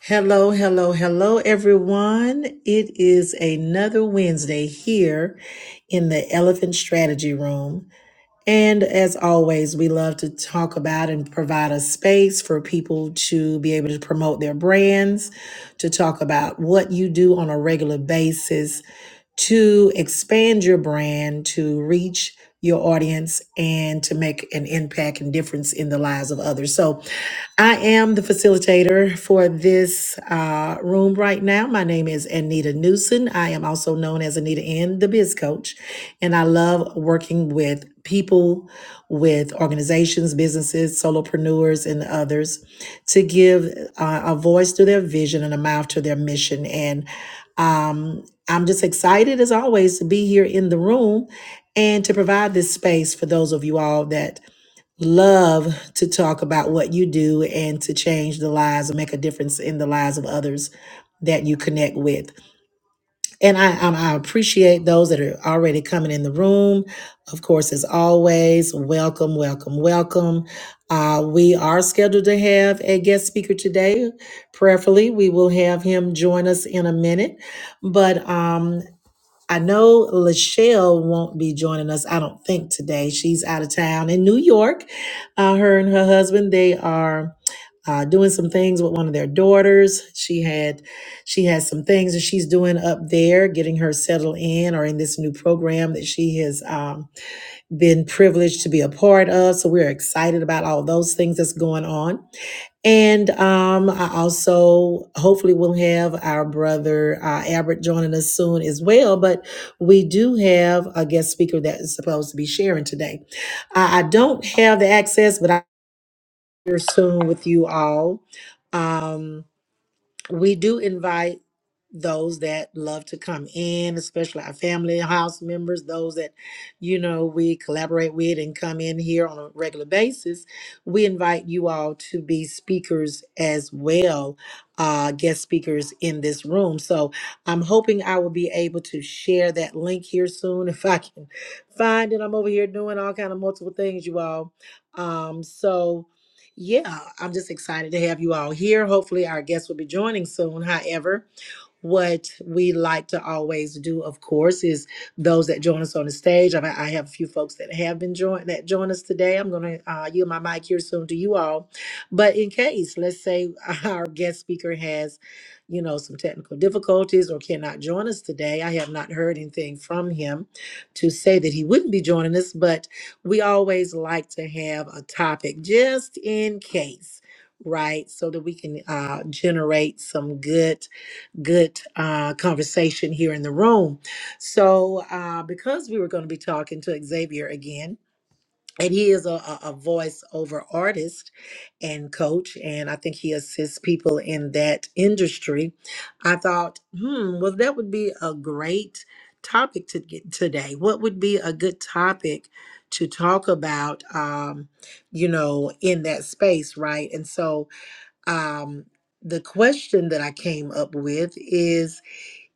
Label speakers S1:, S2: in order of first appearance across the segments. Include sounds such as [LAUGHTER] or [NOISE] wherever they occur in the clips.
S1: Hello, hello, hello, everyone. It is another Wednesday here in the Elephant Strategy Room. And as always, we love to talk about and provide a space for people to be able to promote their brands, to talk about what you do on a regular basis to expand your brand, to reach your audience and to make an impact and difference in the lives of others. So I am the facilitator for this uh, room right now. My name is Anita Newson. I am also known as Anita N, the Biz Coach, and I love working with people, with organizations, businesses, solopreneurs, and others to give uh, a voice to their vision and a mouth to their mission. And um, I'm just excited as always to be here in the room and to provide this space for those of you all that love to talk about what you do and to change the lives and make a difference in the lives of others that you connect with. And I, um, I appreciate those that are already coming in the room. Of course, as always, welcome, welcome, welcome. Uh, we are scheduled to have a guest speaker today. Prayerfully, we will have him join us in a minute. But um, I know Lachelle won't be joining us, I don't think, today. She's out of town in New York. Uh, her and her husband, they are uh, doing some things with one of their daughters. She had, she has some things that she's doing up there, getting her settled in or in this new program that she has um, been privileged to be a part of. So we're excited about all those things that's going on. And um, I also hopefully will have our brother uh, Albert joining us soon as well. But we do have a guest speaker that is supposed to be sharing today. I, I don't have the access, but I'm here soon with you all. Um, we do invite those that love to come in, especially our family, house members, those that, you know, we collaborate with and come in here on a regular basis. We invite you all to be speakers as well, uh, guest speakers in this room. So I'm hoping I will be able to share that link here soon [LAUGHS] if I can find it. I'm over here doing all kind of multiple things, you all. Um, so yeah, I'm just excited to have you all here. Hopefully, our guests will be joining soon. However, what we like to always do, of course, is those that join us on the stage. I, I have a few folks that have been joined that join us today. I'm going to uh, yield my mic here soon to you all. But in case, let's say [LAUGHS] our guest speaker has, you know, some technical difficulties or cannot join us today, I have not heard anything from him to say that he wouldn't be joining us, but we always like to have a topic just in case right? So that we can uh, generate some good good uh, conversation here in the room. So, uh, because we were going to be talking to Xavier again, and he is a, a a voiceover artist and coach, and I think he assists people in that industry. I thought, hmm, well, that would be a great topic to get today. What would be a good topic to talk about, um, you know, in that space, right? And so, um, the question that I came up with is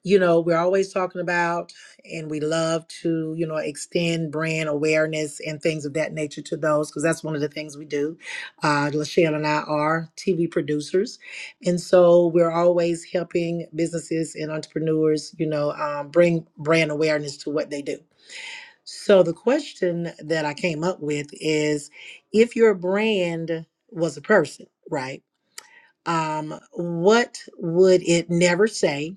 S1: you know, we're always talking about, and we love to, you know, extend brand awareness and things of that nature to those, because that's one of the things we do. Uh, Lachelle and I are TV producers. And so we're always helping businesses and entrepreneurs, you know, um, bring brand awareness to what they do. So the question that I came up with is if your brand was a person, right? um, what would it never say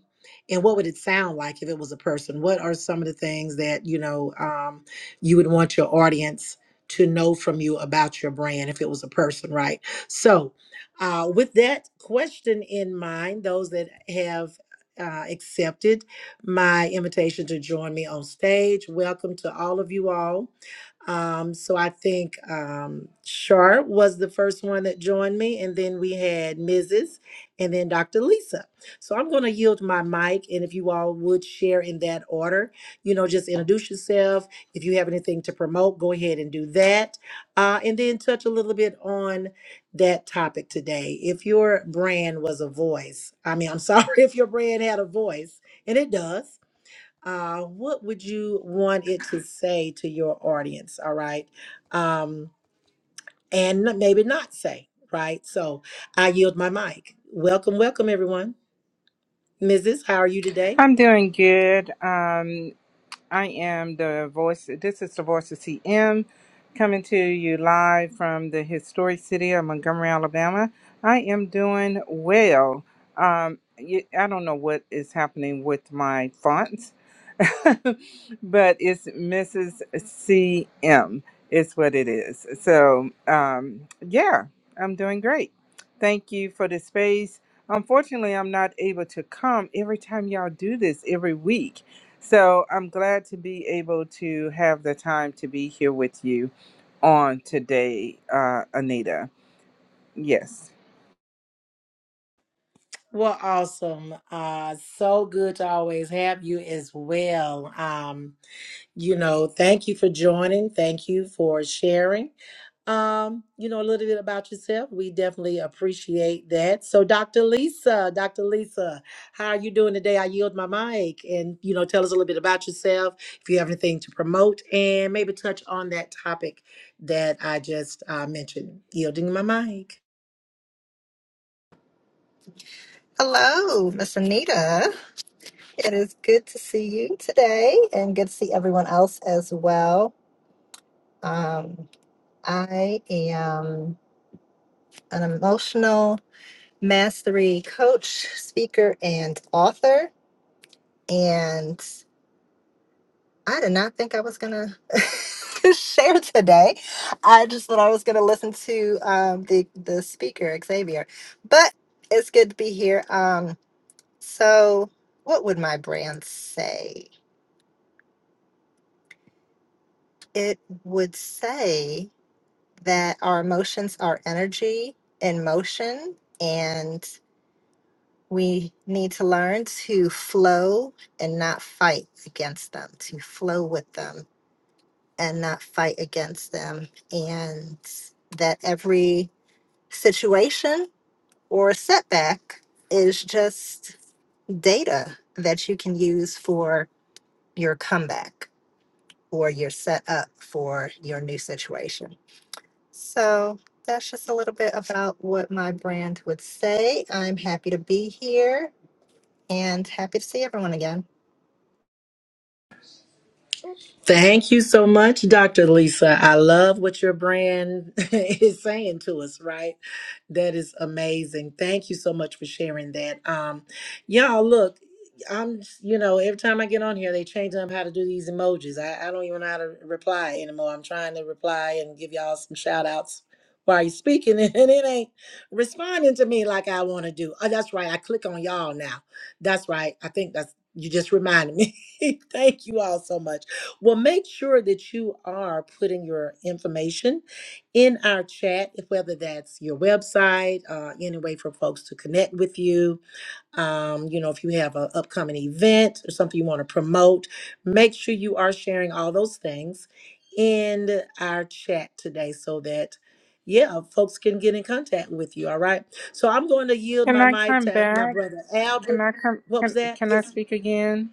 S1: and what would it sound like if it was a person what are some of the things that you know um, you would want your audience to know from you about your brand if it was a person right so uh, with that question in mind those that have uh, accepted my invitation to join me on stage welcome to all of you all um, so I think um, Shar was the first one that joined me, and then we had Mrs. and then Dr. Lisa. So I'm going to yield my mic, and if you all would share in that order, you know, just introduce yourself. If you have anything to promote, go ahead and do that, uh, and then touch a little bit on that topic today. If your brand was a voice, I mean, I'm sorry [LAUGHS] if your brand had a voice, and it does uh, what would you want it to say to your audience? All right. Um, and n- maybe not say, right? So I yield my mic. Welcome, welcome, everyone. Mrs., how are you today?
S2: I'm doing good. Um, I am the voice, this is the voice of CM coming to you live from the historic city of Montgomery, Alabama. I am doing well. Um, y- I don't know what is happening with my fonts, [LAUGHS] but it's Mrs. CM, is what it is. So, um, yeah, I'm doing great. Thank you for the space. Unfortunately, I'm not able to come every time y'all do this every week so I'm glad to be able to have the time to be here with you on today, uh, Anita. Yes.
S1: Well, awesome. Uh, so good to always have you as well. Um, you know, thank you for joining. Thank you for sharing. um, you know, a little bit about yourself. We definitely appreciate that. So, Dr. Lisa, Dr. Lisa, how are you doing today? I yield my mic and, you know, tell us a little bit about yourself, if you have anything to promote, and maybe touch on that topic that I just uh, mentioned. Yielding my mic.
S3: Hello, Miss Anita. It is good to see you today and good to see everyone else as well. Um, I am an emotional mastery coach, speaker, and author. And I did not think I was going to [LAUGHS] share today. I just thought I was going to listen to um, the, the speaker, Xavier. But it's good to be here. Um, so, what would my brand say? it would say that our emotions are energy in motion and we need to learn to flow and not fight against them, to flow with them and not fight against them. And that every situation or setback is just data that you can use for your comeback or your setup for your new situation. So that's just a little bit about what my brand would say. I'm happy to be here and happy to see everyone again.
S1: Thank you so much, Dr. Lisa. I love what your brand [LAUGHS] is saying to us, right? That is amazing. Thank you so much for sharing that. Um, y'all, look, I'm, you know, every time I get on here, they change up how to do these emojis. I, I don't even know how to reply anymore. I'm trying to reply and give y'all some shout outs while you're speaking, [LAUGHS] and it ain't responding to me like I want to do. Oh, that's right. I click on y'all now. That's right. I think that's, you just reminded me. [LAUGHS] Thank you all so much. Well, make sure that you are putting your information in our chat, if whether that's your website, uh, any way for folks to connect with you. Um, you know, if you have an upcoming event or something you want to promote, make sure you are sharing all those things in our chat today so that, yeah, folks can get in contact with you. All right. So I'm going to yield
S2: Can
S1: my
S2: I
S1: mic
S2: come
S1: to my
S2: back?
S1: brother
S2: Can
S1: Albert.
S2: I come?
S1: What was
S2: Can,
S1: that?
S2: can I
S1: Yes.
S2: speak again?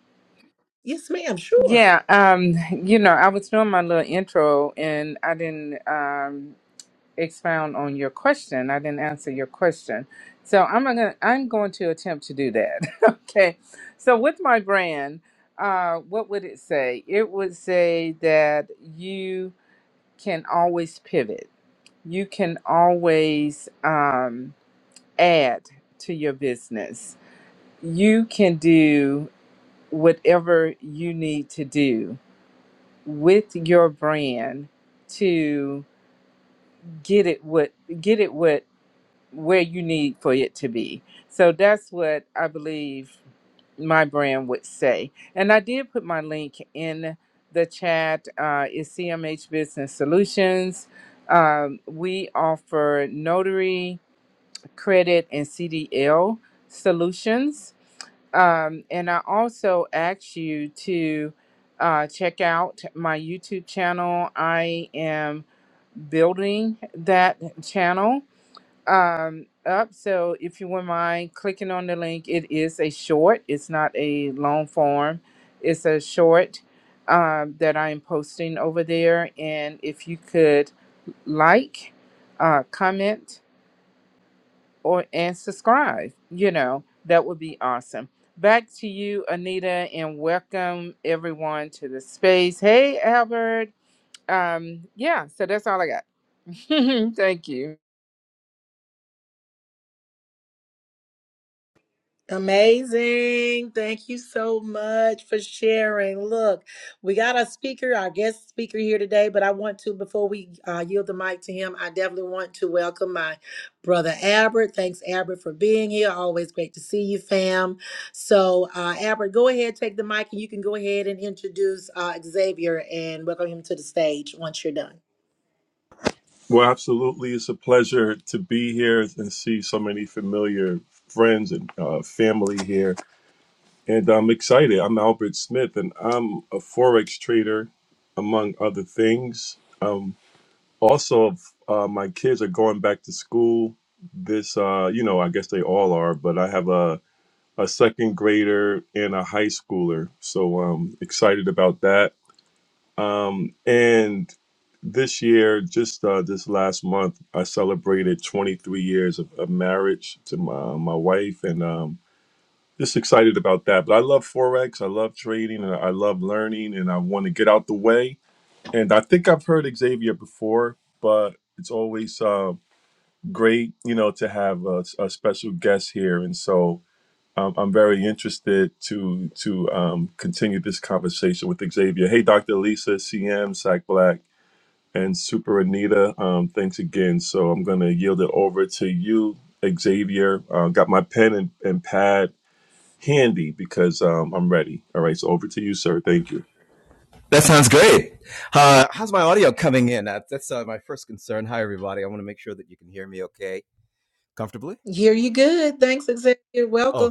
S1: Yes, ma'am. Sure.
S2: Yeah. Um. You know, I was doing my little intro and I didn't um expound on your question. I didn't answer your question. So I'm gonna I'm going to attempt to do that. [LAUGHS] okay. So with my brand, uh, what would it say? It would say that you can always pivot. You can always um, add to your business. You can do whatever you need to do with your brand to get it what get it what where you need for it to be. So that's what I believe my brand would say. And I did put my link in the chat. Uh, it's CMH Business Solutions. Um, we offer notary, credit, and CDL solutions. Um, and I also ask you to uh, check out my YouTube channel. I am building that channel um up so if you wouldn't mind clicking on the link it is a short it's not a long form it's a short um, that i am posting over there and if you could like uh, comment or and subscribe you know that would be awesome back to you anita and welcome everyone to the space hey albert um yeah so that's all i got [LAUGHS] thank you
S1: Amazing. Thank you so much for sharing. Look, we got a speaker, our guest speaker here today, but I want to, before we uh, yield the mic to him, I definitely want to welcome my brother Albert. Thanks, Albert, for being here. Always great to see you, fam. So, uh, Albert, go ahead, take the mic, and you can go ahead and introduce uh, Xavier and welcome him to the stage once you're done.
S4: Well, absolutely. It's a pleasure to be here and see so many familiar friends and uh, family here. And I'm excited. I'm Albert Smith, and I'm a Forex trader, among other things. Um, also, uh, my kids are going back to school this, uh, you know, I guess they all are, but I have a, a second grader and a high schooler. So I'm excited about that um, and this year, just uh, this last month, I celebrated 23 years of, of marriage to my, my wife, and um, just excited about that. But I love forex, I love trading, and I love learning, and I want to get out the way. And I think I've heard Xavier before, but it's always uh, great, you know, to have a, a special guest here, and so. Um, I'm very interested to to um, continue this conversation with Xavier. Hey, Dr. Lisa, CM, Sack Black. And Super Anita, um, thanks again. So I'm going to yield it over to you, Xavier. Uh, got my pen and, and pad handy because um, I'm ready. All right, so over to you, sir. Thank you.
S1: Here you good. Thanks, Xavier. Welcome.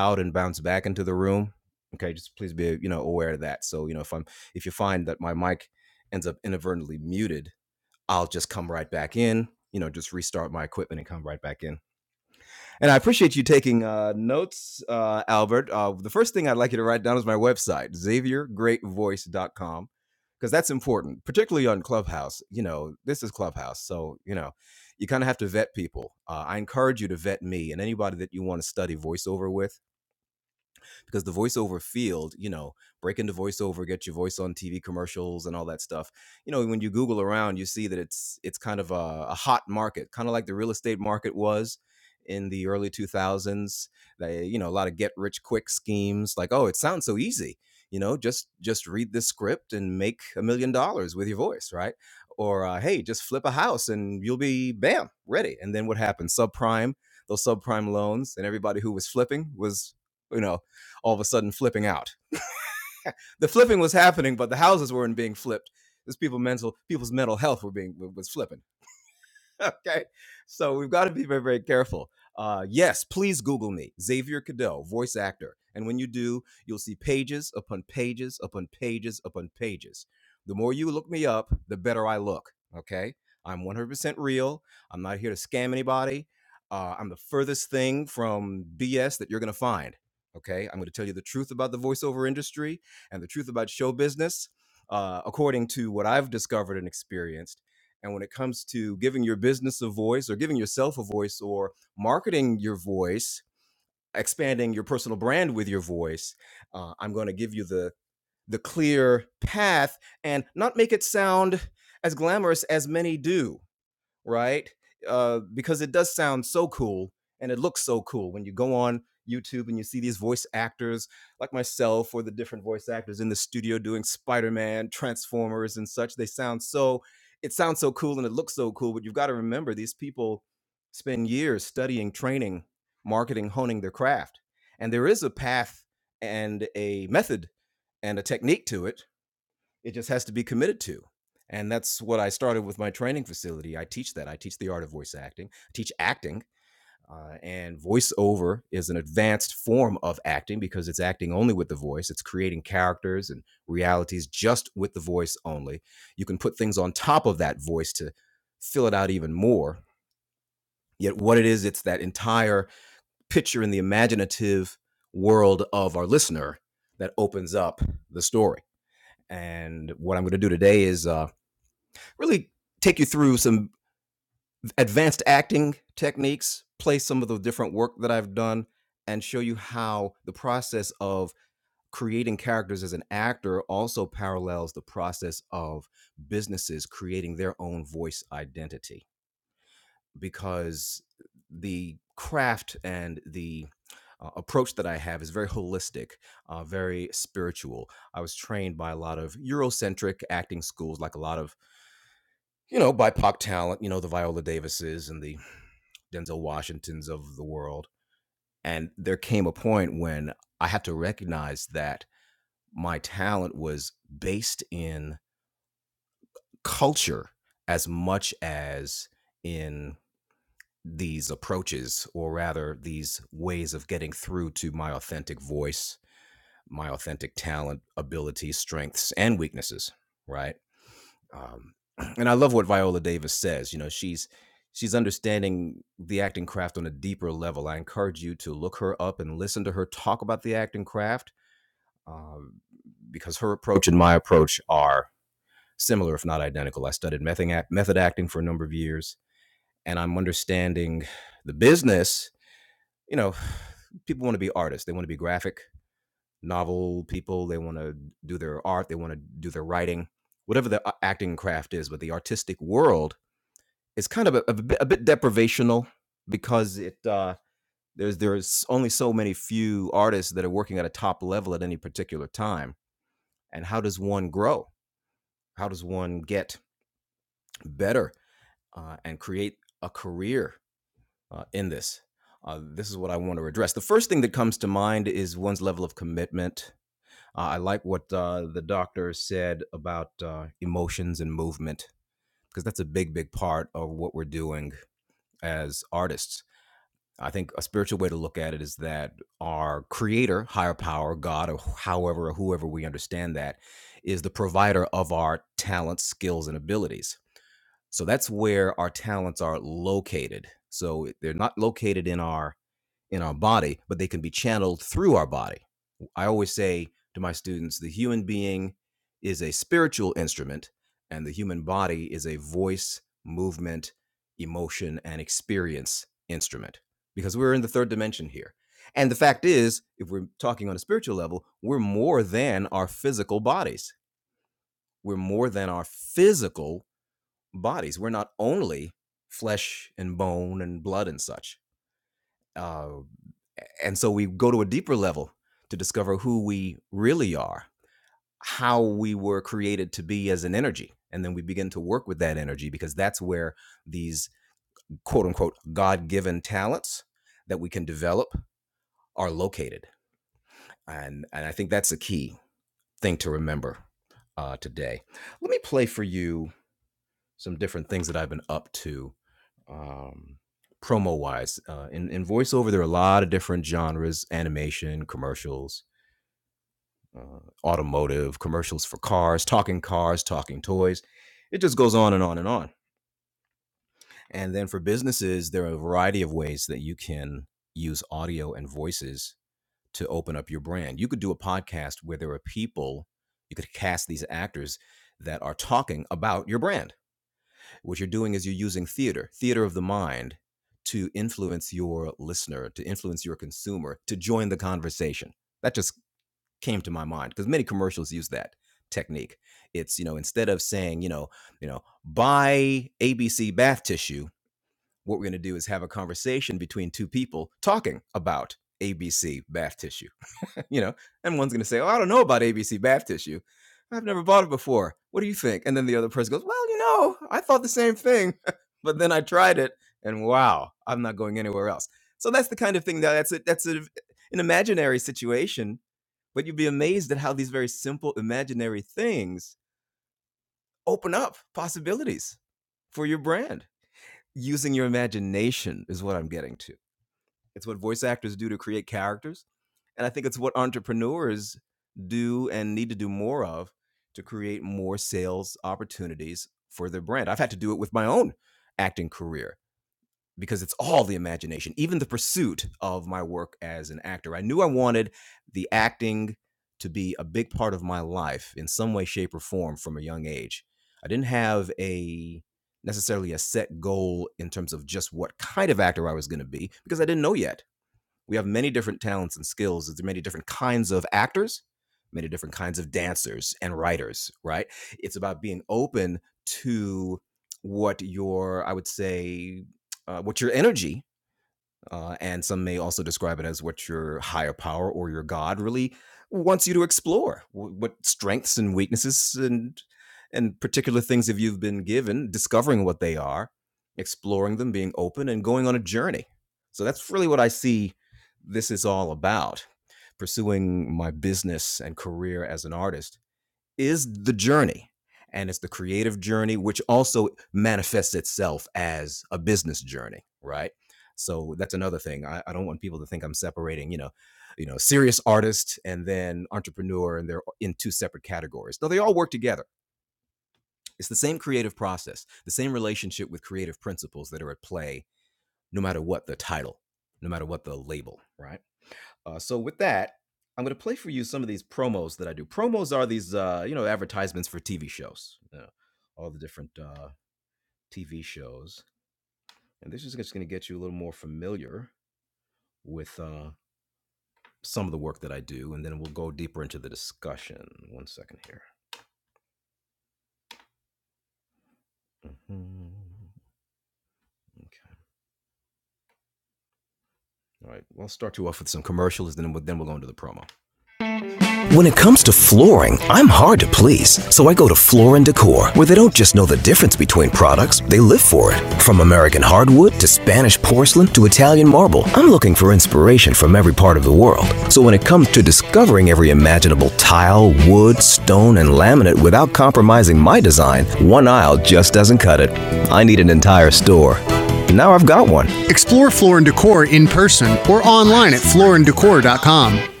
S5: Explore Floor and Decor in person or online at flooranddecor.com. In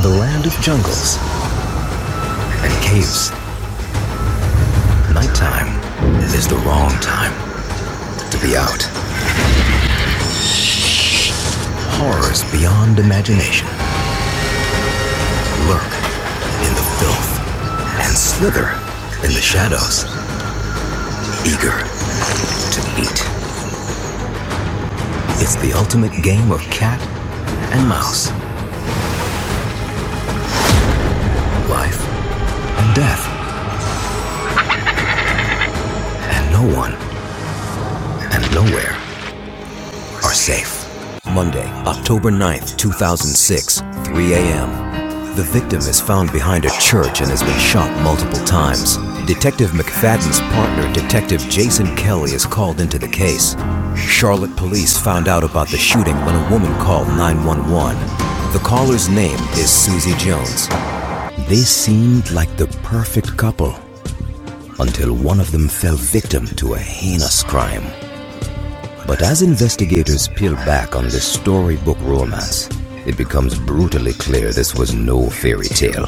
S5: the land of jungles and caves, nighttime is the wrong time to be out. Horrors beyond imagination lurk in the filth and slither in the shadows, eager to eat. It's the ultimate game of cat and mouse, life and death, and no one and nowhere are safe. Monday, October 9th, 2006, 3 a.m. The victim is found behind a church and has been shot multiple times. Detective McFadden's partner, Detective Jason Kelly, is called into the case. Charlotte police found out about the shooting when a woman called 911. The caller's name is Susie Jones. They seemed like the perfect couple until one of them fell victim to a heinous crime. But as investigators peel back on this storybook romance, it becomes brutally clear this was no fairy tale.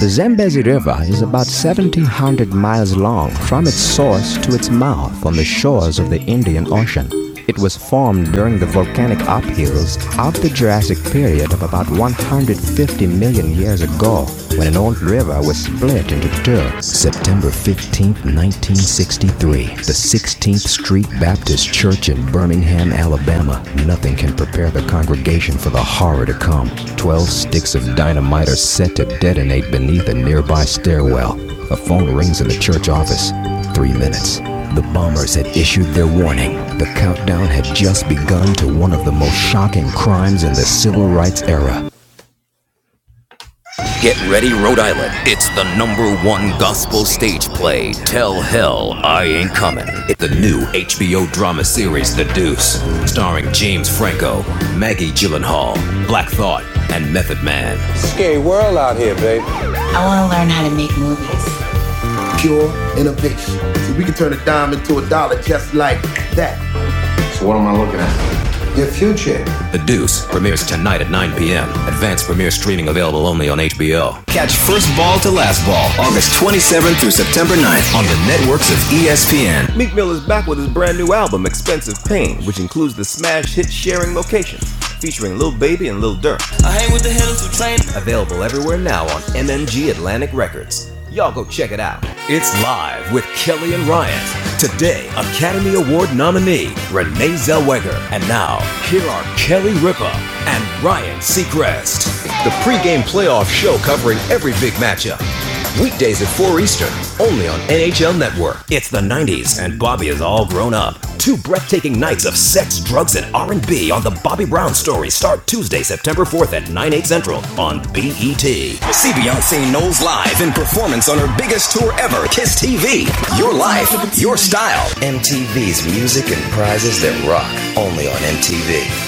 S5: The Zambezi River is about 1,700 miles long from its source to its mouth on the shores of the Indian Ocean. It was formed during the volcanic uphills of the Jurassic period of about 150 million years ago when an old river was split into two. September 15, 1963, the 16th Street Baptist Church in Birmingham, Alabama, nothing can prepare the congregation for the horror to come. Twelve sticks of dynamite are set to detonate beneath a nearby stairwell. A phone rings in the church office. Three minutes. The bombers had issued their warning. The countdown had just begun to one of the most shocking crimes in the civil rights era Get ready, Rhode Island. It's the number one gospel stage play, Tell Hell I Ain't Coming. It's the new HBO drama series, The Deuce, starring James Franco, Maggie Gyllenhaal, Black Thought, and Method Man. I want to learn how to make movies. Pure innovation. So we can turn a dime into a dollar just like that. Your future. The Deuce premieres tonight at 9 p.m. Advanced premiere streaming available only on HBO. Catch First Ball to Last Ball, August 27th through September 9th on the networks of ESPN. Meek Mill is back with his brand new album, Expensive Pain, which includes the smash hit Sharing Location, featuring Lil Baby and Lil Durk. Available everywhere now on MMG Atlantic Records. Y'all go check it out. It's live with Kelly and Ryan. Today, Academy Award nominee Renee Zellweger. And now, here are Kelly Ripa and Ryan Seacrest. The pregame playoff show covering every big matchup. Weekdays at 4 Eastern, only on NHL Network. It's the 90s and Bobby is all grown up. Two breathtaking nights of sex, drugs, and R&B on The Bobby Brown Story start Tuesday, September 4th at 9, 8 central on BET. See Beyonce Knowles live in performance on her biggest tour ever, KISS TV. Your life, your style. MTV's music and prizes that rock, only on MTV.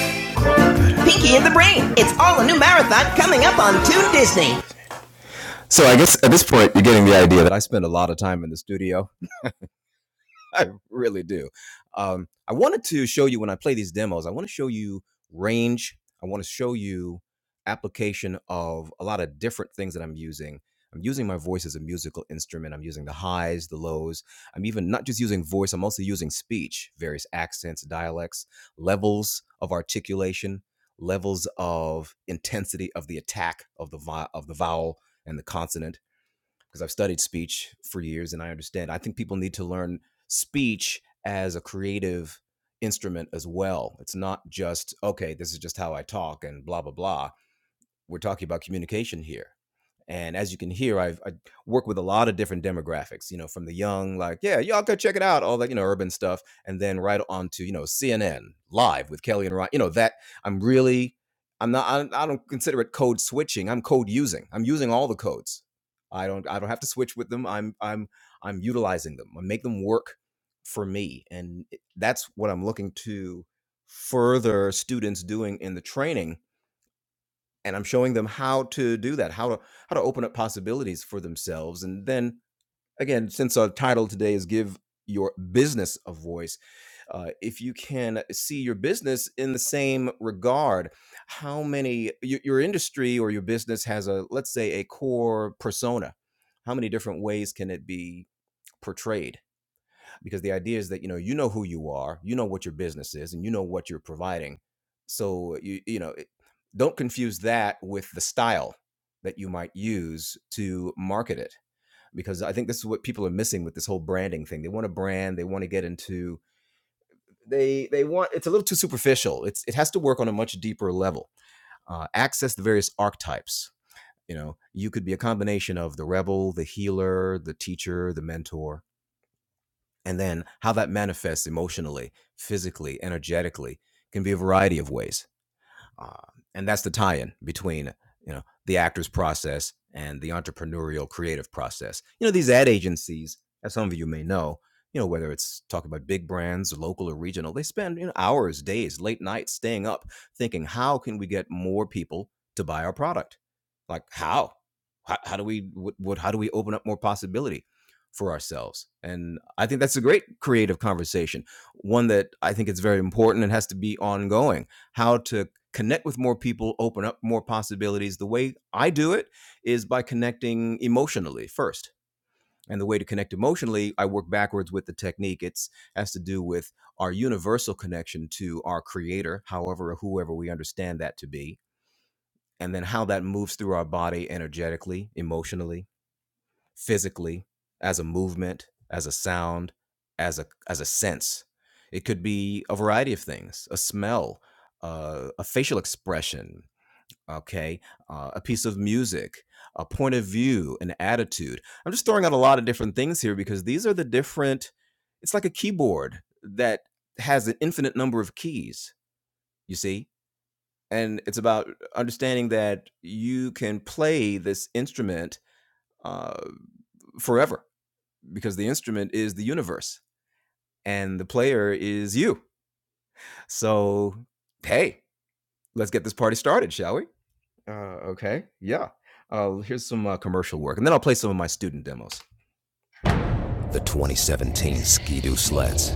S5: The 2017 Ski-Doo Sleds.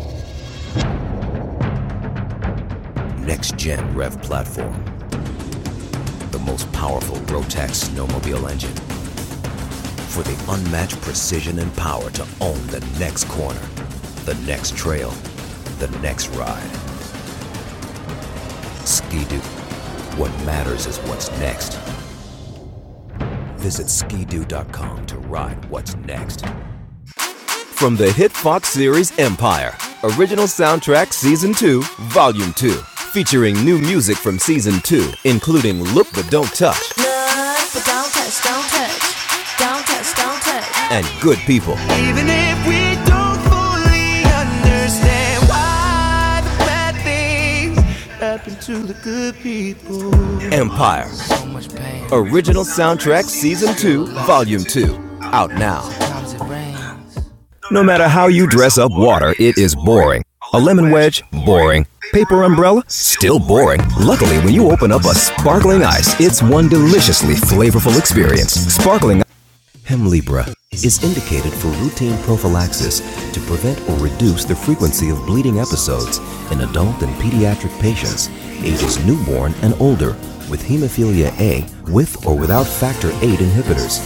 S5: Next Gen Rev Platform. The most powerful Rotax snowmobile engine for the unmatched precision and power to own the next corner, the next trail, the next ride. Ski-Doo. What matters is what's next. Visit skidoo.com to ride what's next. But don't touch, don't touch, don't touch, don't touch. Even if we don't fully understand why the bad things happen to the good people. Paper umbrella? Still boring. Luckily, when you open up a sparkling ice, it's one deliciously flavorful experience. Sparkling. Hem Libra is indicated for routine prophylaxis to prevent or reduce the frequency of bleeding episodes in adult and pediatric patients, ages newborn and older, with hemophilia A with or without factor VIII inhibitors.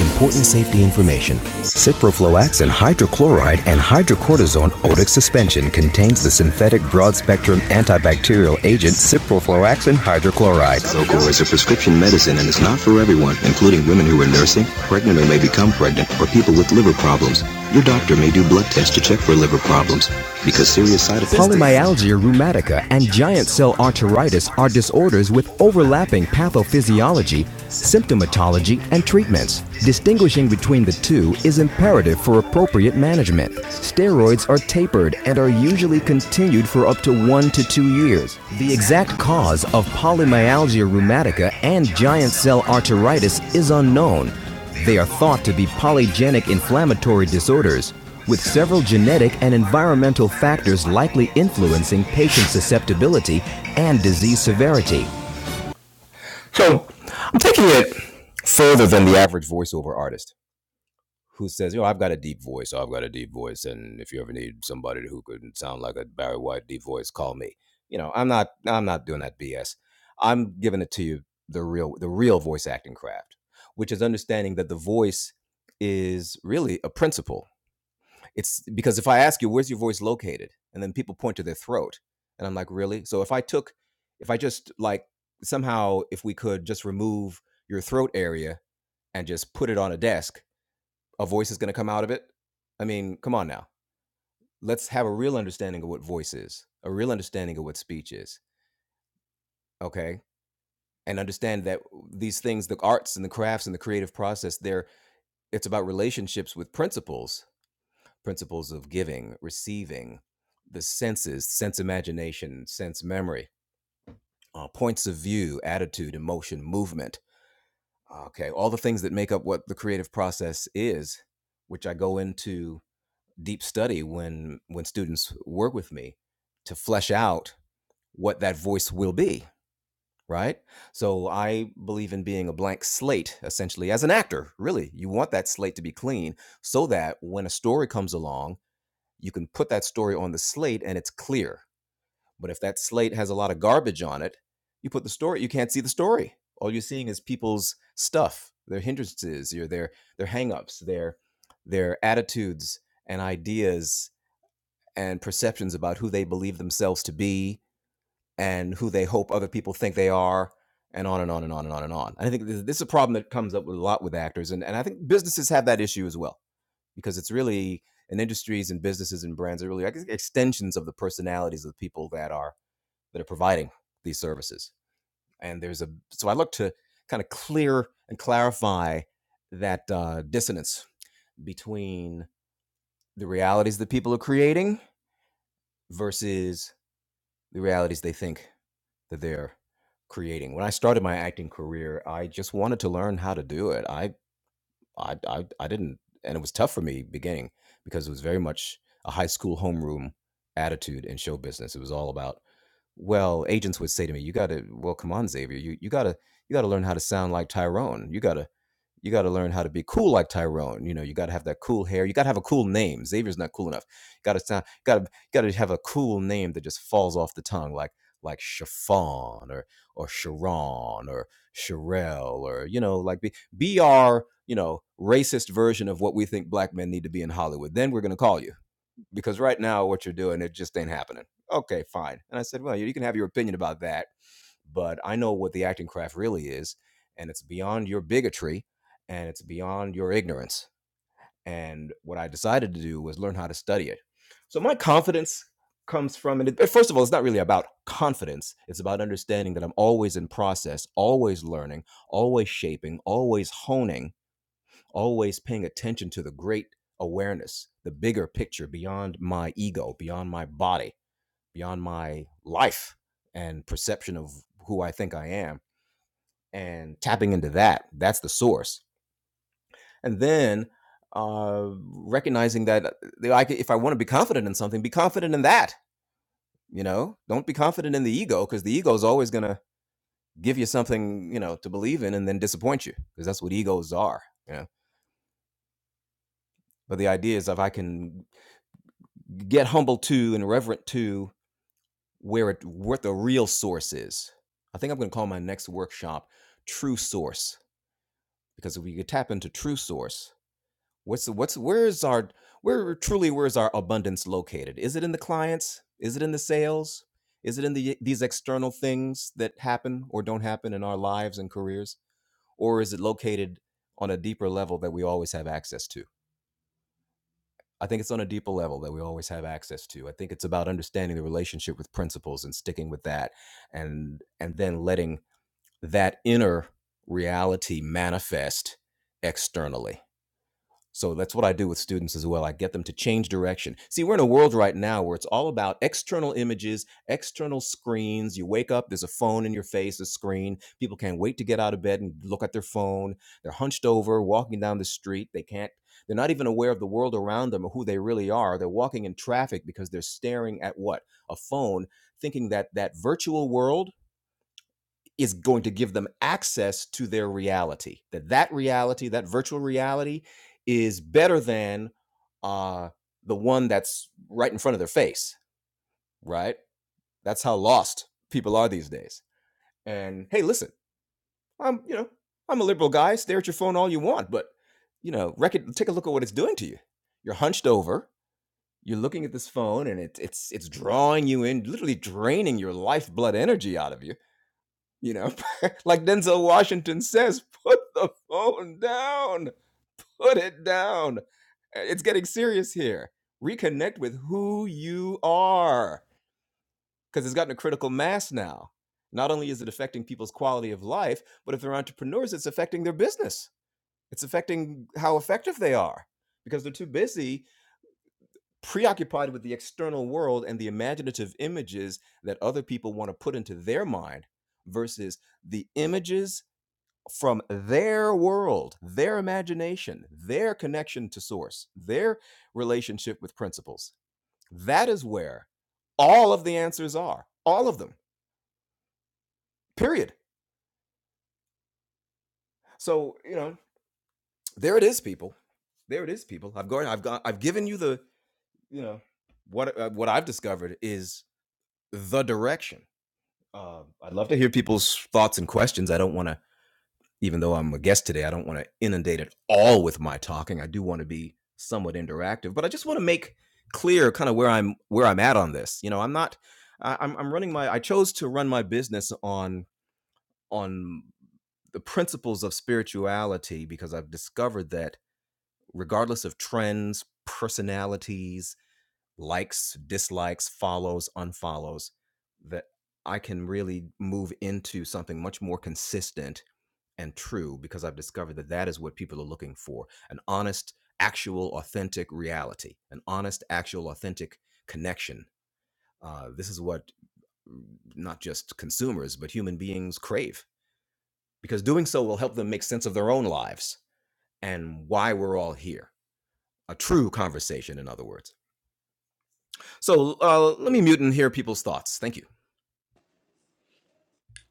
S5: Important safety information. Ciprofloxacin and hydrochloride and hydrocortisone otic suspension contains the synthetic broad-spectrum antibacterial agent ciprofloxacin hydrochloride. Zocor is a prescription medicine and is not for everyone, including women who are nursing, pregnant or may become pregnant, or people with liver problems. Your doctor may do blood tests to check for liver problems because serious side effects. Polymyalgia rheumatica and giant cell arteritis are disorders with overlapping pathophysiology symptomatology, and treatments. Distinguishing between the two is imperative for appropriate management. Steroids are tapered and are usually continued for up to one to two years. The exact cause of polymyalgia rheumatica and giant cell arteritis is unknown. They are thought to be polygenic inflammatory disorders, with several genetic and environmental factors likely influencing patient susceptibility and disease severity.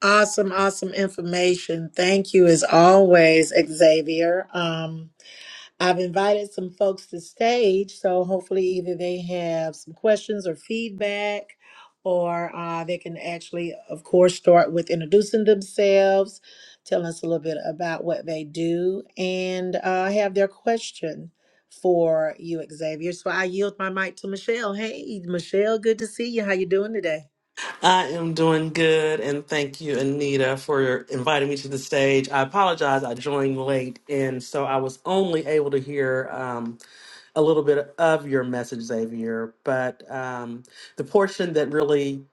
S1: Awesome, awesome information. Thank you as always, Xavier. Um, I've invited some folks to stage, so hopefully either they have some questions or feedback, or uh, they can actually, of course, start with introducing themselves, telling us a little bit about what they do, and uh, have their question for you, Xavier. So I yield my mic to Michelle. Hey, Michelle, good to see you. How you doing today?
S6: I am doing good, and thank you, Anita, for inviting me to the stage. I apologize, I joined late, and so I was only able to hear um, a little bit of your message, Xavier. But um, the portion that really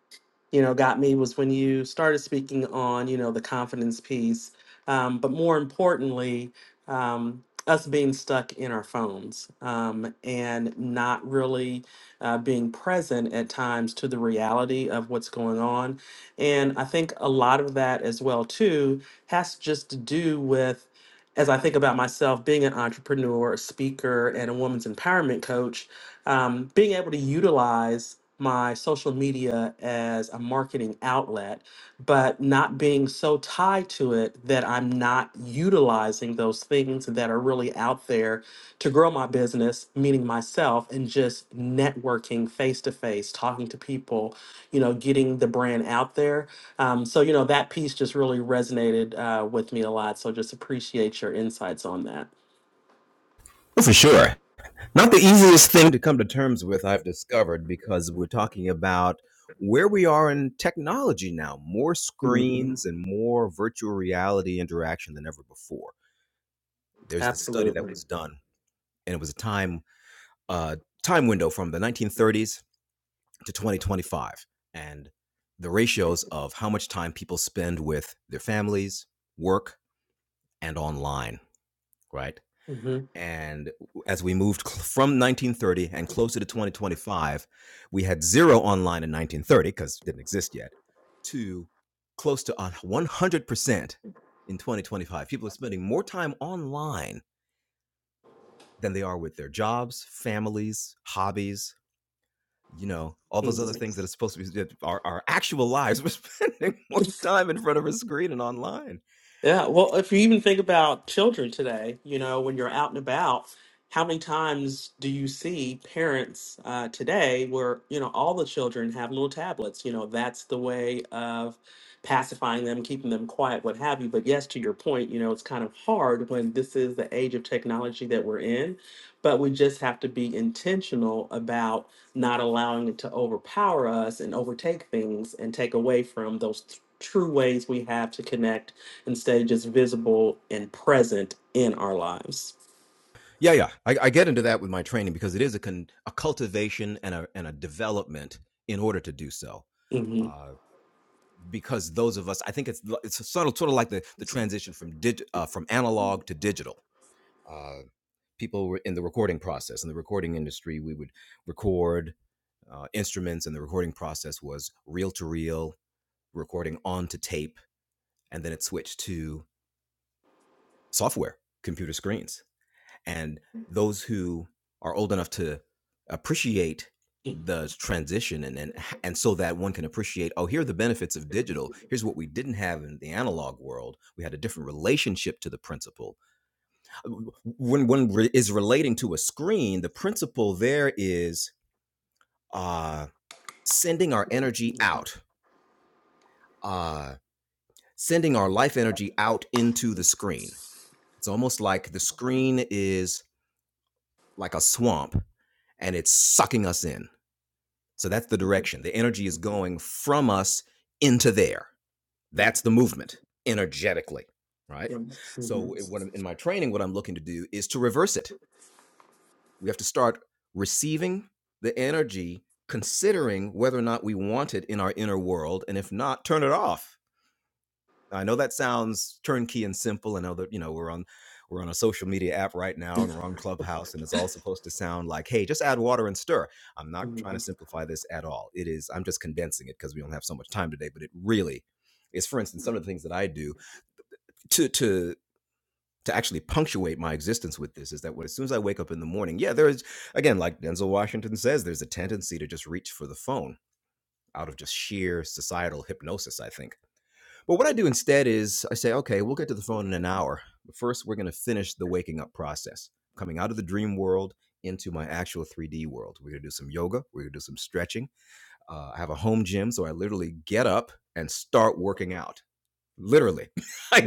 S6: you know got me was when you started speaking on you know the confidence piece um, but more importantly um, us being stuck in our phones um, and not really uh, being present at times to the reality of what's going on and i think a lot of that as well too has just to do with as i think about myself being an entrepreneur a speaker and a woman's empowerment coach um, being able to utilize my social media as a marketing outlet, but not being so tied to it that I'm not utilizing those things that are really out there to grow my business, meaning myself, and just networking face to face, talking to people, you know, getting the brand out there. Um, so, you know, that piece just really resonated uh, with me a lot. So, just appreciate your insights on that. Mhm. Absolutely. hmm Yeah, well, if you even think about children today, you know, when you're out and about, how many times do you see parents uh, today where, you know, all the children have little tablets? You know, that's the way of pacifying them, keeping them quiet, what have you. But yes, to your point, you know, it's kind of hard when this is the age of technology that we're in, but we just have to be intentional about not allowing it to overpower us and overtake things and take away from those. t- True ways we have to connect Instead, just visible and present in our lives. hmm Yes. hmm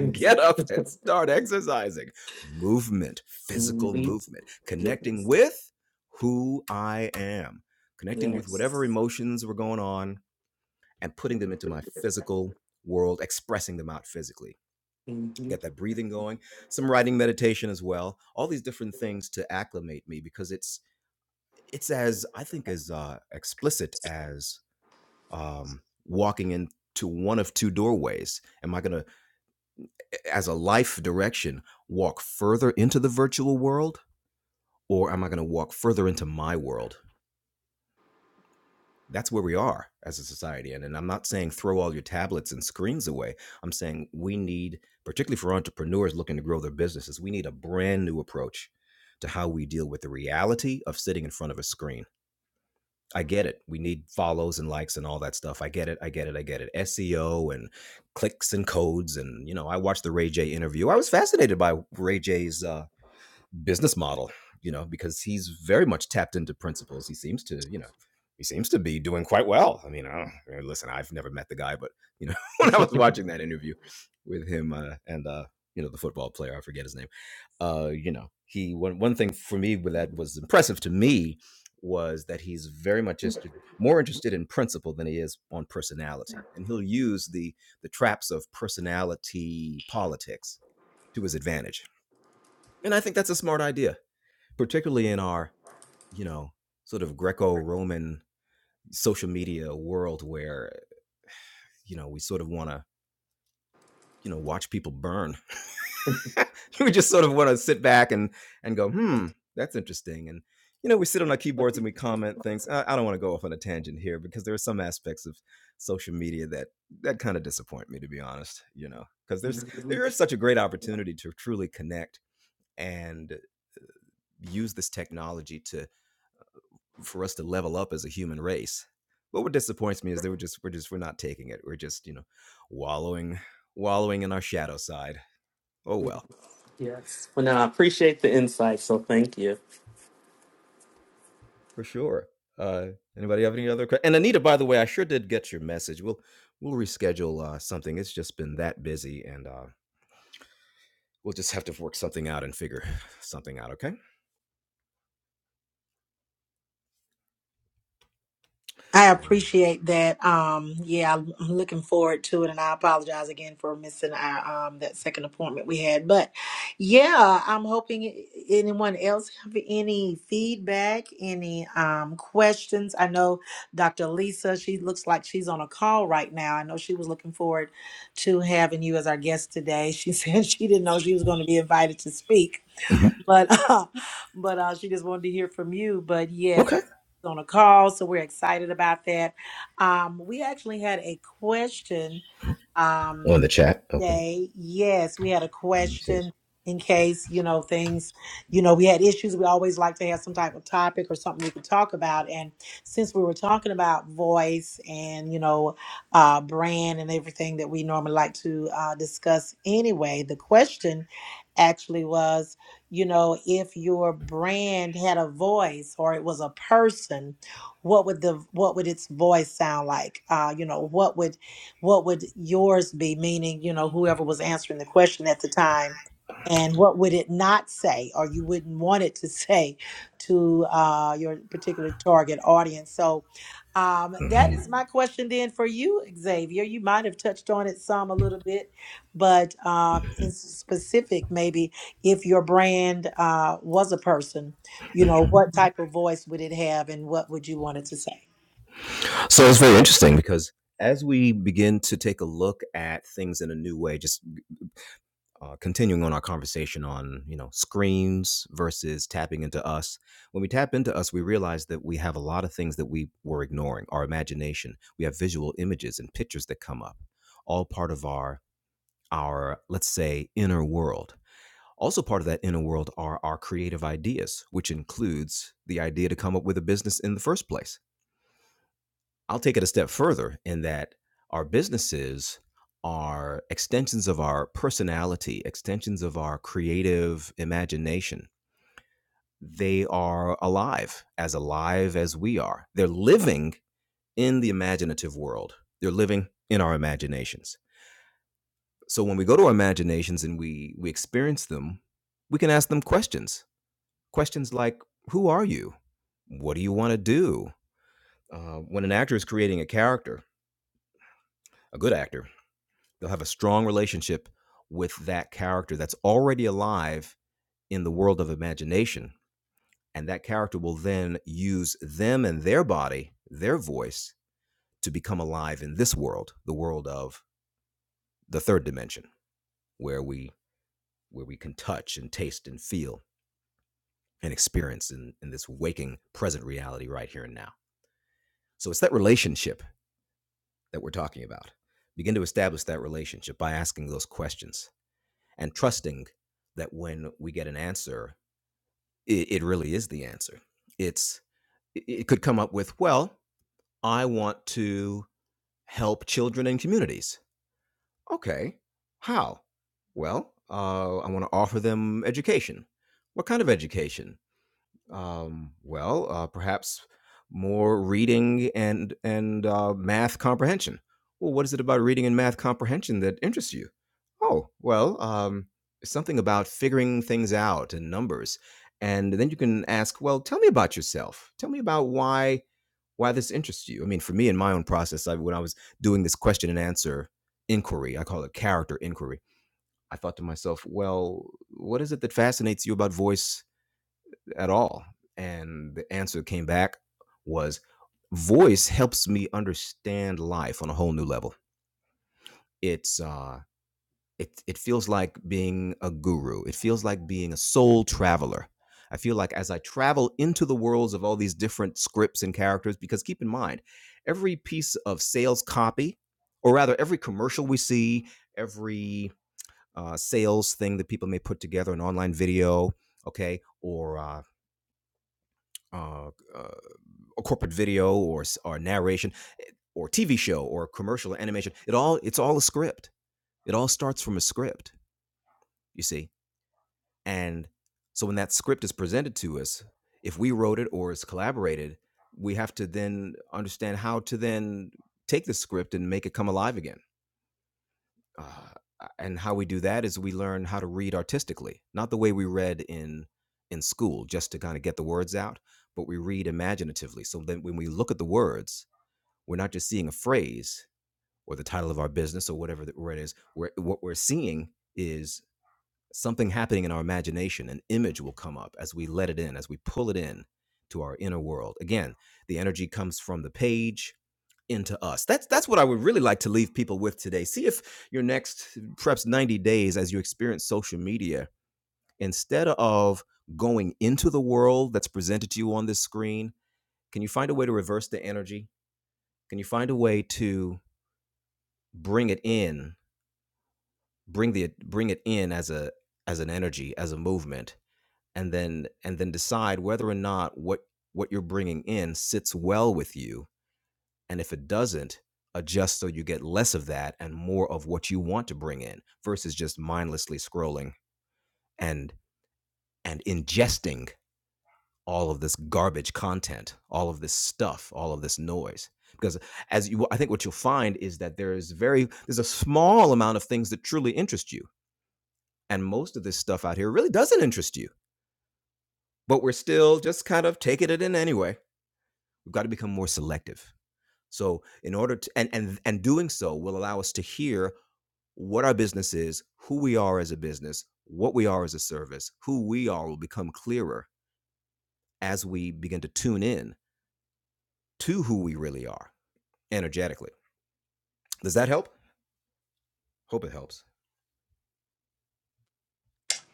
S6: hmm Yes. Yes. hmm [LAUGHS] Yes. Well, now I appreciate the insight, so thank you.
S1: I appreciate that. Um, yeah, I'm I'm looking forward to it, and I apologize again for missing our um that second appointment we had. But yeah, I'm hoping i- anyone else have any feedback, any um questions. I know Dr. Lisa, she looks like she's on a call right now. I know she was looking forward to having you as our guest today. She [LAUGHS] said she didn't know she was going to be invited to speak but uh, [LAUGHS] but uh, she just wanted to hear from you. But yes, I was on a call, so we're excited about that. Um, we actually had a question. Um, Day. Yes, we had a question in case, you know, things, you know, we had issues. We always like to have some type of topic or something we could talk about. And since we were talking about voice and, you know, uh, brand and everything that we normally like to uh, discuss anyway, the question actually was, you know, if your brand had a voice or it was a person, what would the what would its voice sound like? Uh, you know, what would what would yours be meaning you know whoever was answering the question at the time and what would it not say or you wouldn't want it to [LAUGHS] say to uh, your particular target audience so um, that is my question then for you xavier you might have touched on it some a little bit but uh, in specific maybe if your brand uh, was a person you know what type of voice would it have and what would you want it to say
S5: So it's very interesting.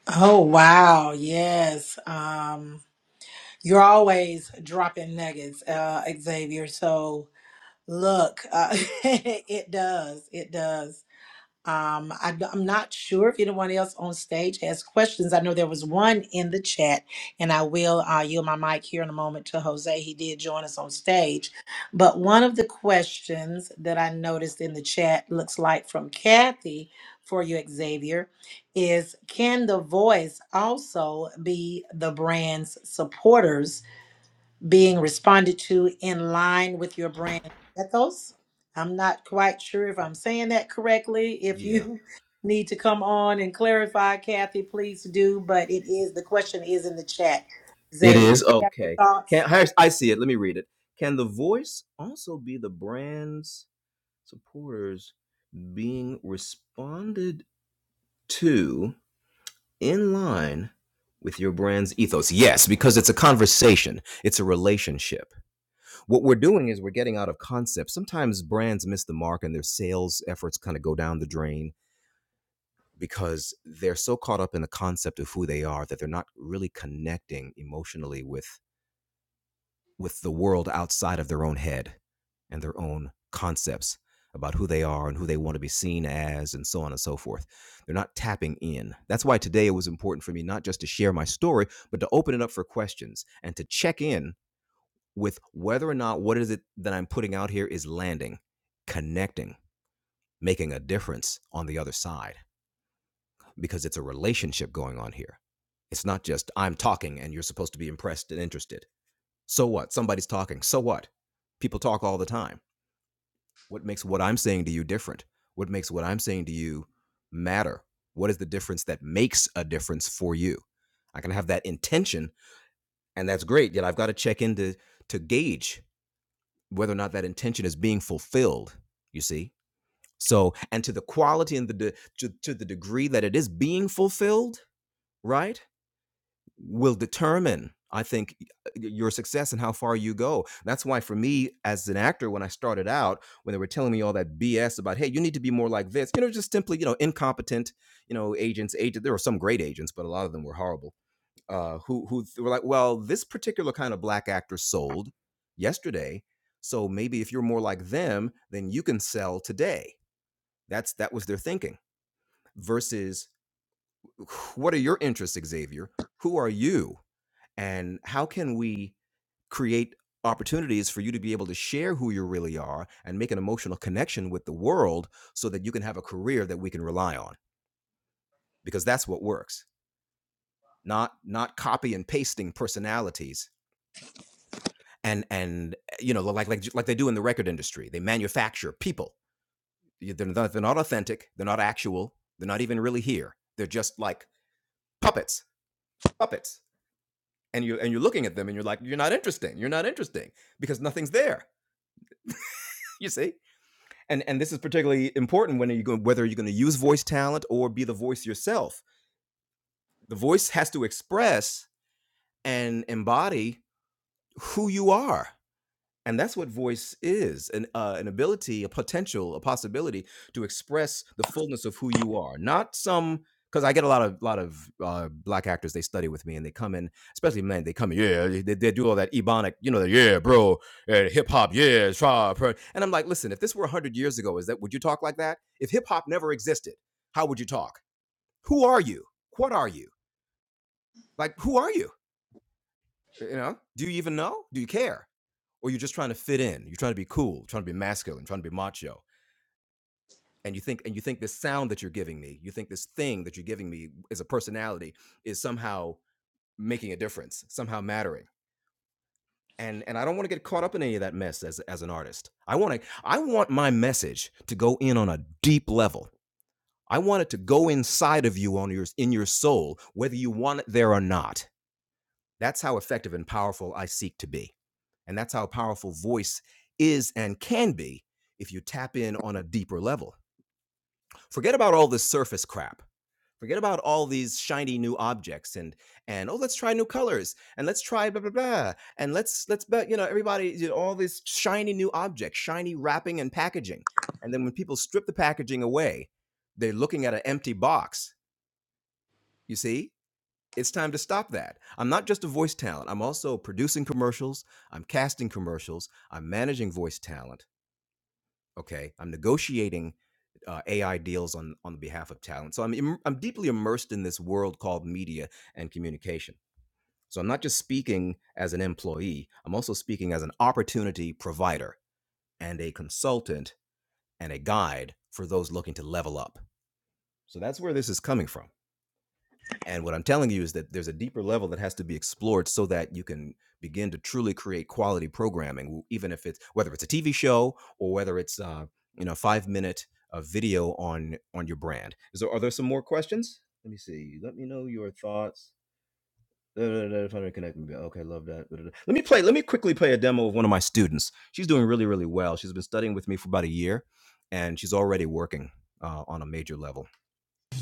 S1: Oh, wow. Yes. Um, You're always dropping nuggets, uh, Xavier. So look, uh, [LAUGHS] it does. It does. Um, I, am not sure if anyone else on stage has questions. I know there was one in the chat, and I will uh, yield my mic here in a moment to Jose. He did join us on stage. But one of the questions that I noticed in the chat looks like from Kathy for you, Xavier, is can the voice also be the brand's supporters? being responded to in line with your brand ethos. I'm not quite sure if I'm saying that correctly. If you [LAUGHS] need to come on and clarify, Kathy, please do. But it is the question is in the chat. Xavier, you have your thoughts?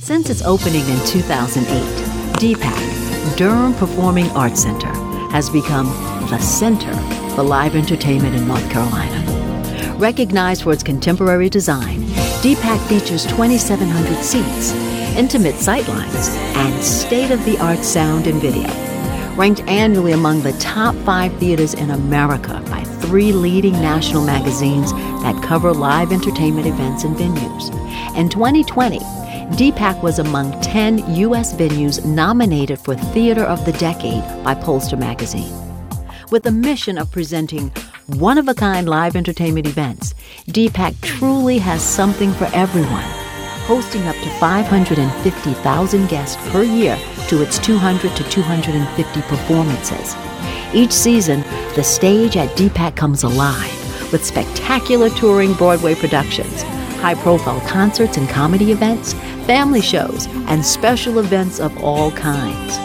S5: Since its opening in 2008, DPAC, Durham Performing Arts Center, has become the center for live entertainment in North Carolina. Recognized for its contemporary design, DPAC features 2,700 seats, intimate sightlines, and state of the art sound and video ranked annually among the top five theaters in America by three leading national magazines that cover live entertainment events and venues. In 2020, D Deepak was among 10 U.S. venues nominated for Theater of the Decade by Pollster magazine. With the mission of presenting one of a kind live entertainment events, D Deepak truly has something for everyone hosting up to 550,000 guests per year to its 200 to 250 performances. Each season, the stage at DPAC comes alive with spectacular touring Broadway productions, high profile concerts and comedy events, family shows, and special events of all kinds.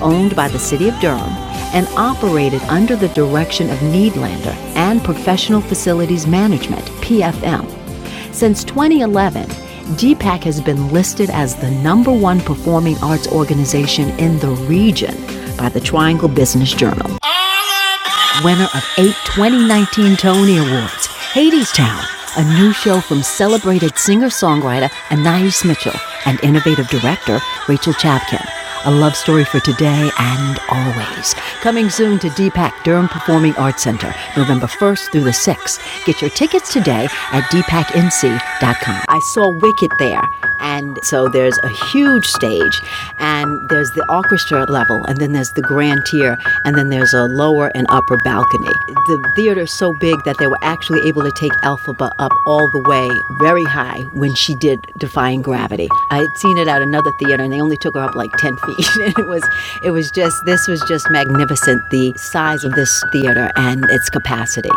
S5: Owned by the City of Durham and operated under the direction of Needlander and Professional Facilities Management, PFM, since 2011, DPAC has been listed as the number one performing arts organization in the region by the Triangle Business Journal winner of eight 2019 Tony Awards, Hadestown, a new show from celebrated singer songwriter Anais Mitchell and innovative director Rachel Chapkin. A love story for today and always. Coming soon to DPAC Durham Performing Arts Center, November 1st through the 6th. Get your tickets today at dpacinc.com. I saw Wicked there and so there's a huge stage, and there's the orchestra level, and then there's the grand tier, and then there's a lower and upper balcony. The theater is so big that they were actually able to take Elphaba up all the way very high when she did Defying Gravity. I had seen it at another theater you know, and they only took her up like 10 [LAUGHS] feet. And it was, it was just, this was just magnificent, the size of this theater and its capacity.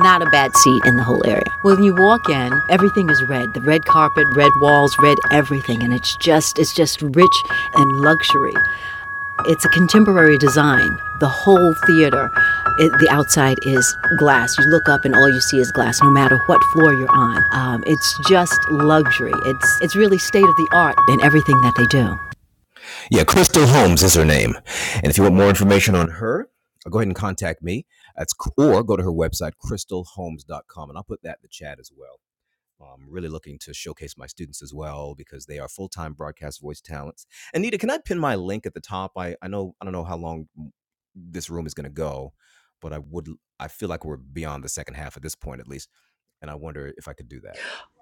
S5: Not a bad seat in the whole area. When you walk in, everything is red. The red carpet, red walls, red everything. And it's just, it's just rich and luxury. It's a contemporary design. The whole theater, it, the outside is glass. You look up and all you see is glass, no matter what floor you're on. Um, it's just luxury. It's, it's really state of the art in everything that they do.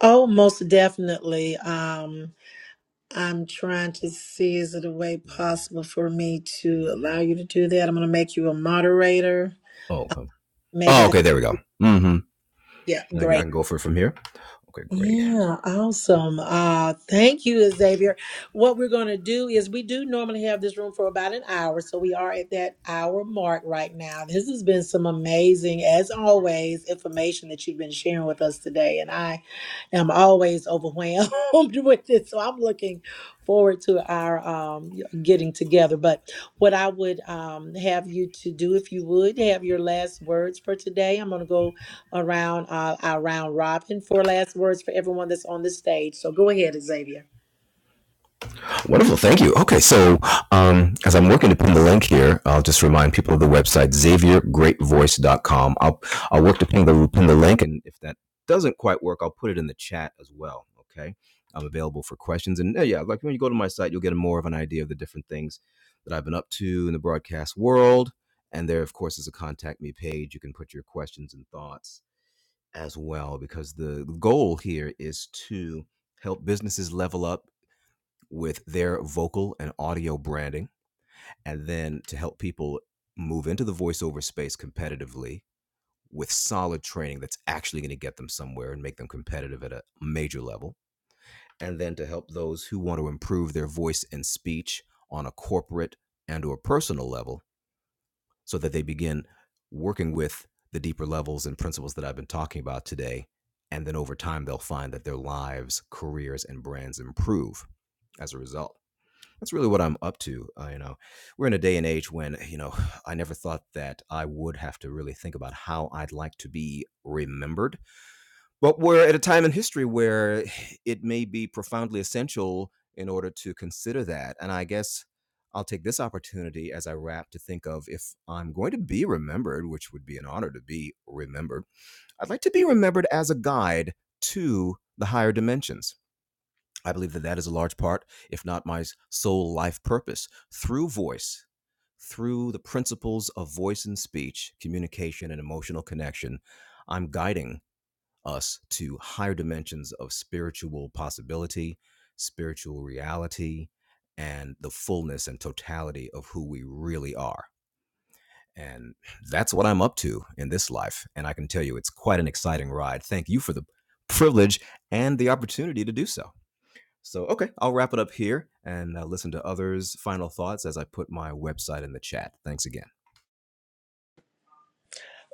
S1: Oh, most definitely. Um, I'm trying to see is it a way possible for me to allow you to do that? I'm going to make you a moderator. Maybe that. Yeah, great. Yeah, awesome. Uh, thank you, Xavier. What we're going to do is we do normally have this room for about an hour, so we are at that hour mark right now. This has been some amazing, as always, information that you've been sharing with us today, and I am always overwhelmed [LAUGHS] with it. So I'm looking forward to our um, getting together. But what I would um, have you to do, if you would, have your last words for today. I'm going to go around uh, our round robin. Four last words for everyone that's on this stage. So go ahead, Xavier.
S5: Wonderful. Thank you. Okay. So, um, as I'm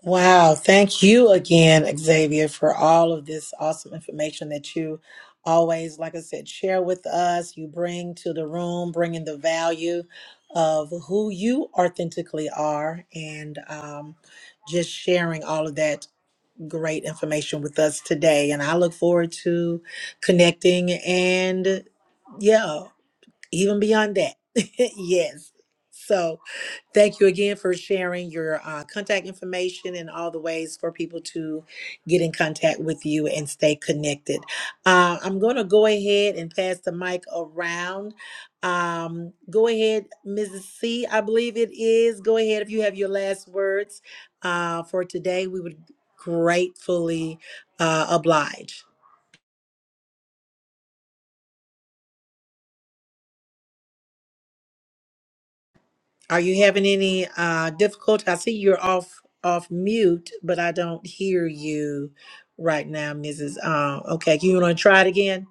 S1: Wow. Thank you again, Xavier, for all of this awesome information that you always, like I said, share with us. You bring to the room, bringing the value of who you authentically are and um, just sharing all of that great information with us today. And I look forward to connecting and, yeah. even beyond that. [LAUGHS] yes. So, thank you again for sharing your uh, contact information and all the ways for people to get in contact with you and stay connected. Uh, I'm going to go ahead and pass the mic around. Um, go ahead, Mrs. C, I believe it is. Go ahead if you have your last words uh, for today. We would gratefully uh, oblige. Are you having any uh difficulty? I see you're off off mute, but I don't hear you right now, Mrs. Uh, okay, you want to try it again?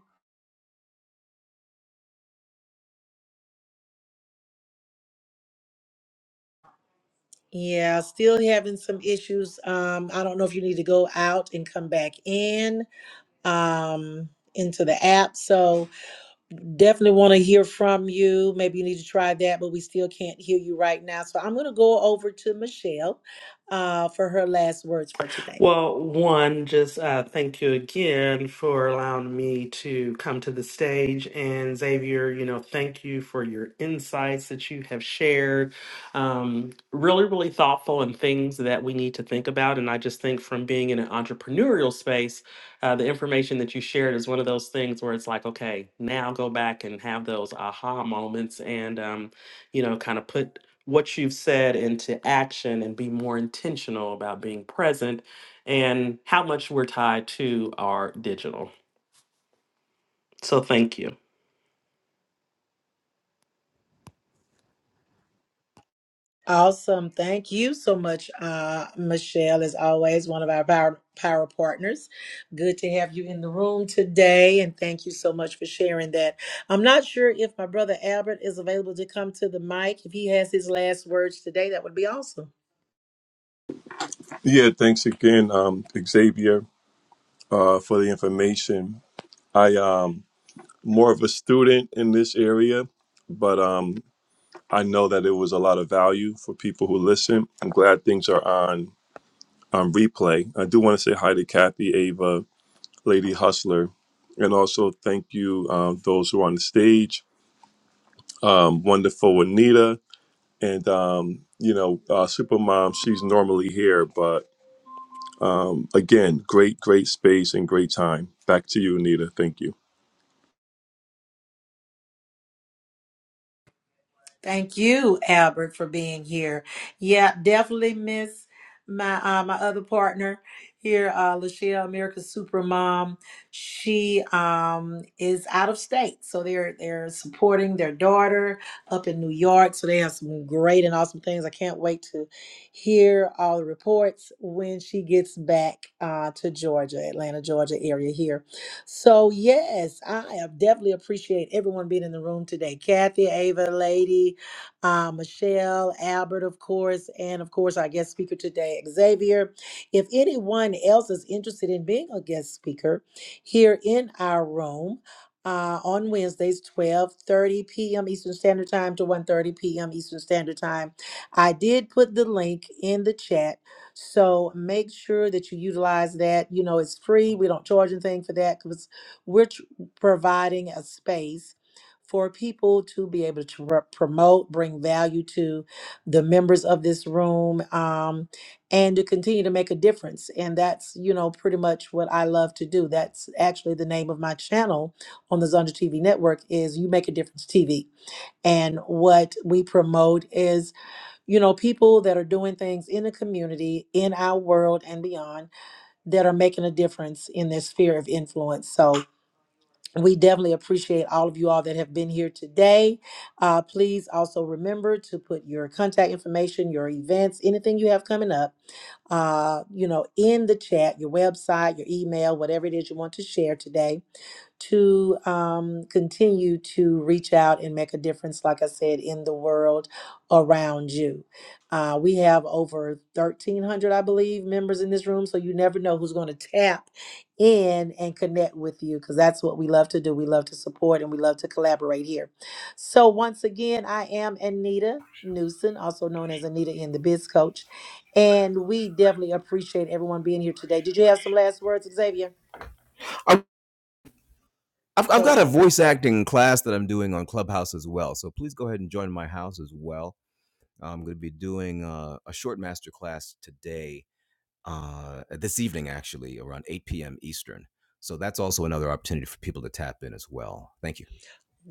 S1: Yeah, still having some issues. Um, I don't know if you need to go out and come back in um into the app. So definitely want to hear from you. Maybe you need to try that, but we still can't hear you right now. So I'm gonna go over to Michelle uh for her last words for today.
S6: Well, one, just uh, thank you again for allowing me to come to the stage. And Xavier, you know, thank you for your insights that you have shared. Um, really, really thoughtful and things that we need to think about. And I just think from being in an entrepreneurial space, uh, the information that you shared is one of those things where it's like, okay, now go back and have those aha moments and, um, you know, kind of put what you've said into action and be more intentional about being present and how much we're tied to our digital. So thank you.
S1: Awesome. Thank you so much, uh, Michelle, as always, one of our power, power partners. Good to have you in the room today, and thank you so much for sharing that. I'm not sure if my brother Albert is available to come to the mic. If he has his last words today, that would be awesome.
S4: Yeah, thanks again, um, Xavier, uh, for the information. I um more of a student in this area, but um, I know that it was a lot of value for people who listen. I'm glad things are on on replay. I do want to say hi to Kathy, Ava, Lady Hustler. And also thank you, um, those who are on the stage. Um, wonderful Anita. And, um, you know, uh, Supermom, she's normally here. But um, again, great, great space and great time. Back to you, Anita. Thank you.
S1: Thank you, Albert, for being here. Yeah, definitely miss my uh, my other partner here, uh, Lachelle, America's Super Mom. She um, is out of state, so they're they're supporting their daughter up in New York. So they have some great and awesome things. I can't wait to hear all the reports when she gets back uh, to Georgia, Atlanta, Georgia area here. So, yes, I am definitely appreciate everyone being in the room today. Kathy, Ava, Lady, uh, Michelle, Albert, of course, and of course, our guest speaker today, Xavier. If anyone else is interested in being a guest speaker here in our room, uh, on Wednesdays, 12:30 p.m. Eastern Standard Time to one thirty p.m. Eastern Standard Time. I did put the link in the chat so make sure that you utilize that. You know, it's free. We don't charge anything for that because we're tr- providing a space for people to be able to pr- promote, bring value to the members of this room, um, and to continue to make a difference. And that's, you know, pretty much what I love to do. That's actually the name of my channel on the Zonda TV network is You Make a Difference TV. And what we promote is you know, people that are doing things in the community, in our world and beyond that are making a difference in their sphere of influence. So we definitely appreciate all of you all that have been here today. Uh, please also remember to put your contact information, your events, anything you have coming up, uh, you know, in the chat, your website, your email, whatever it is you want to share today to um, continue to reach out and make a difference, like I said, in the world around you. Uh, we have over 1,300, I believe, members in this room, so you never know who's going to tap in and connect with you because that's what we love to do. We love to support and we love to collaborate here. So, once again, I am Anita Newson, also known as Anita in the Biz Coach. And we definitely appreciate everyone being here today. Did you have some last words, Xavier? Oh, uh oh.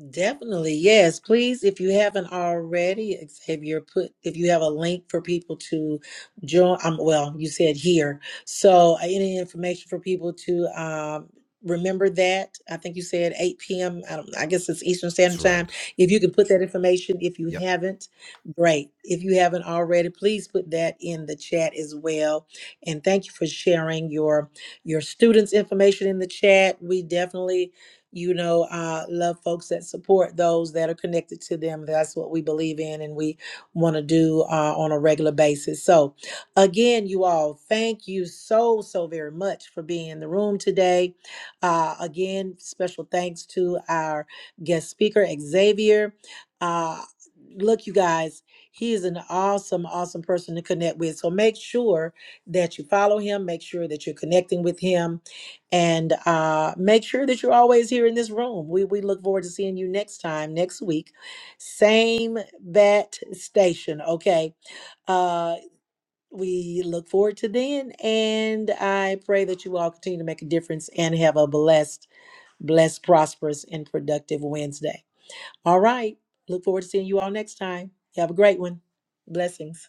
S1: Definitely, yes. Please, if you haven't already, Xavier, put if you have a link for people to join. Um, well, you said here, so uh, any information for people to um, remember that. I think you said 8 p.m. don't. I guess it's Eastern Standard Time. If you can put that information, if you haven't, great. If you haven't already, please put that in the chat as well. And thank you for sharing your your students' information in the chat. We definitely you know, uh, love folks that support those that are connected to them. That's what we believe in and we want to do uh, on a regular basis. So, again, you all, thank you so, so very much for being in the room today. Uh, again, special thanks to our guest speaker, Xavier. Uh, look, you guys, he is an awesome, awesome person to connect with. So, make sure that you follow him, make sure that you're connecting with him and uh, make sure that you're always here in this room. We we look forward to seeing you next time next week, same bat station. Okay, uh, we look forward to then, and I pray that you all continue to make a difference and have a blessed, blessed, prosperous, and productive Wednesday. All right, look forward to seeing you all next time. Have a great one. Blessings.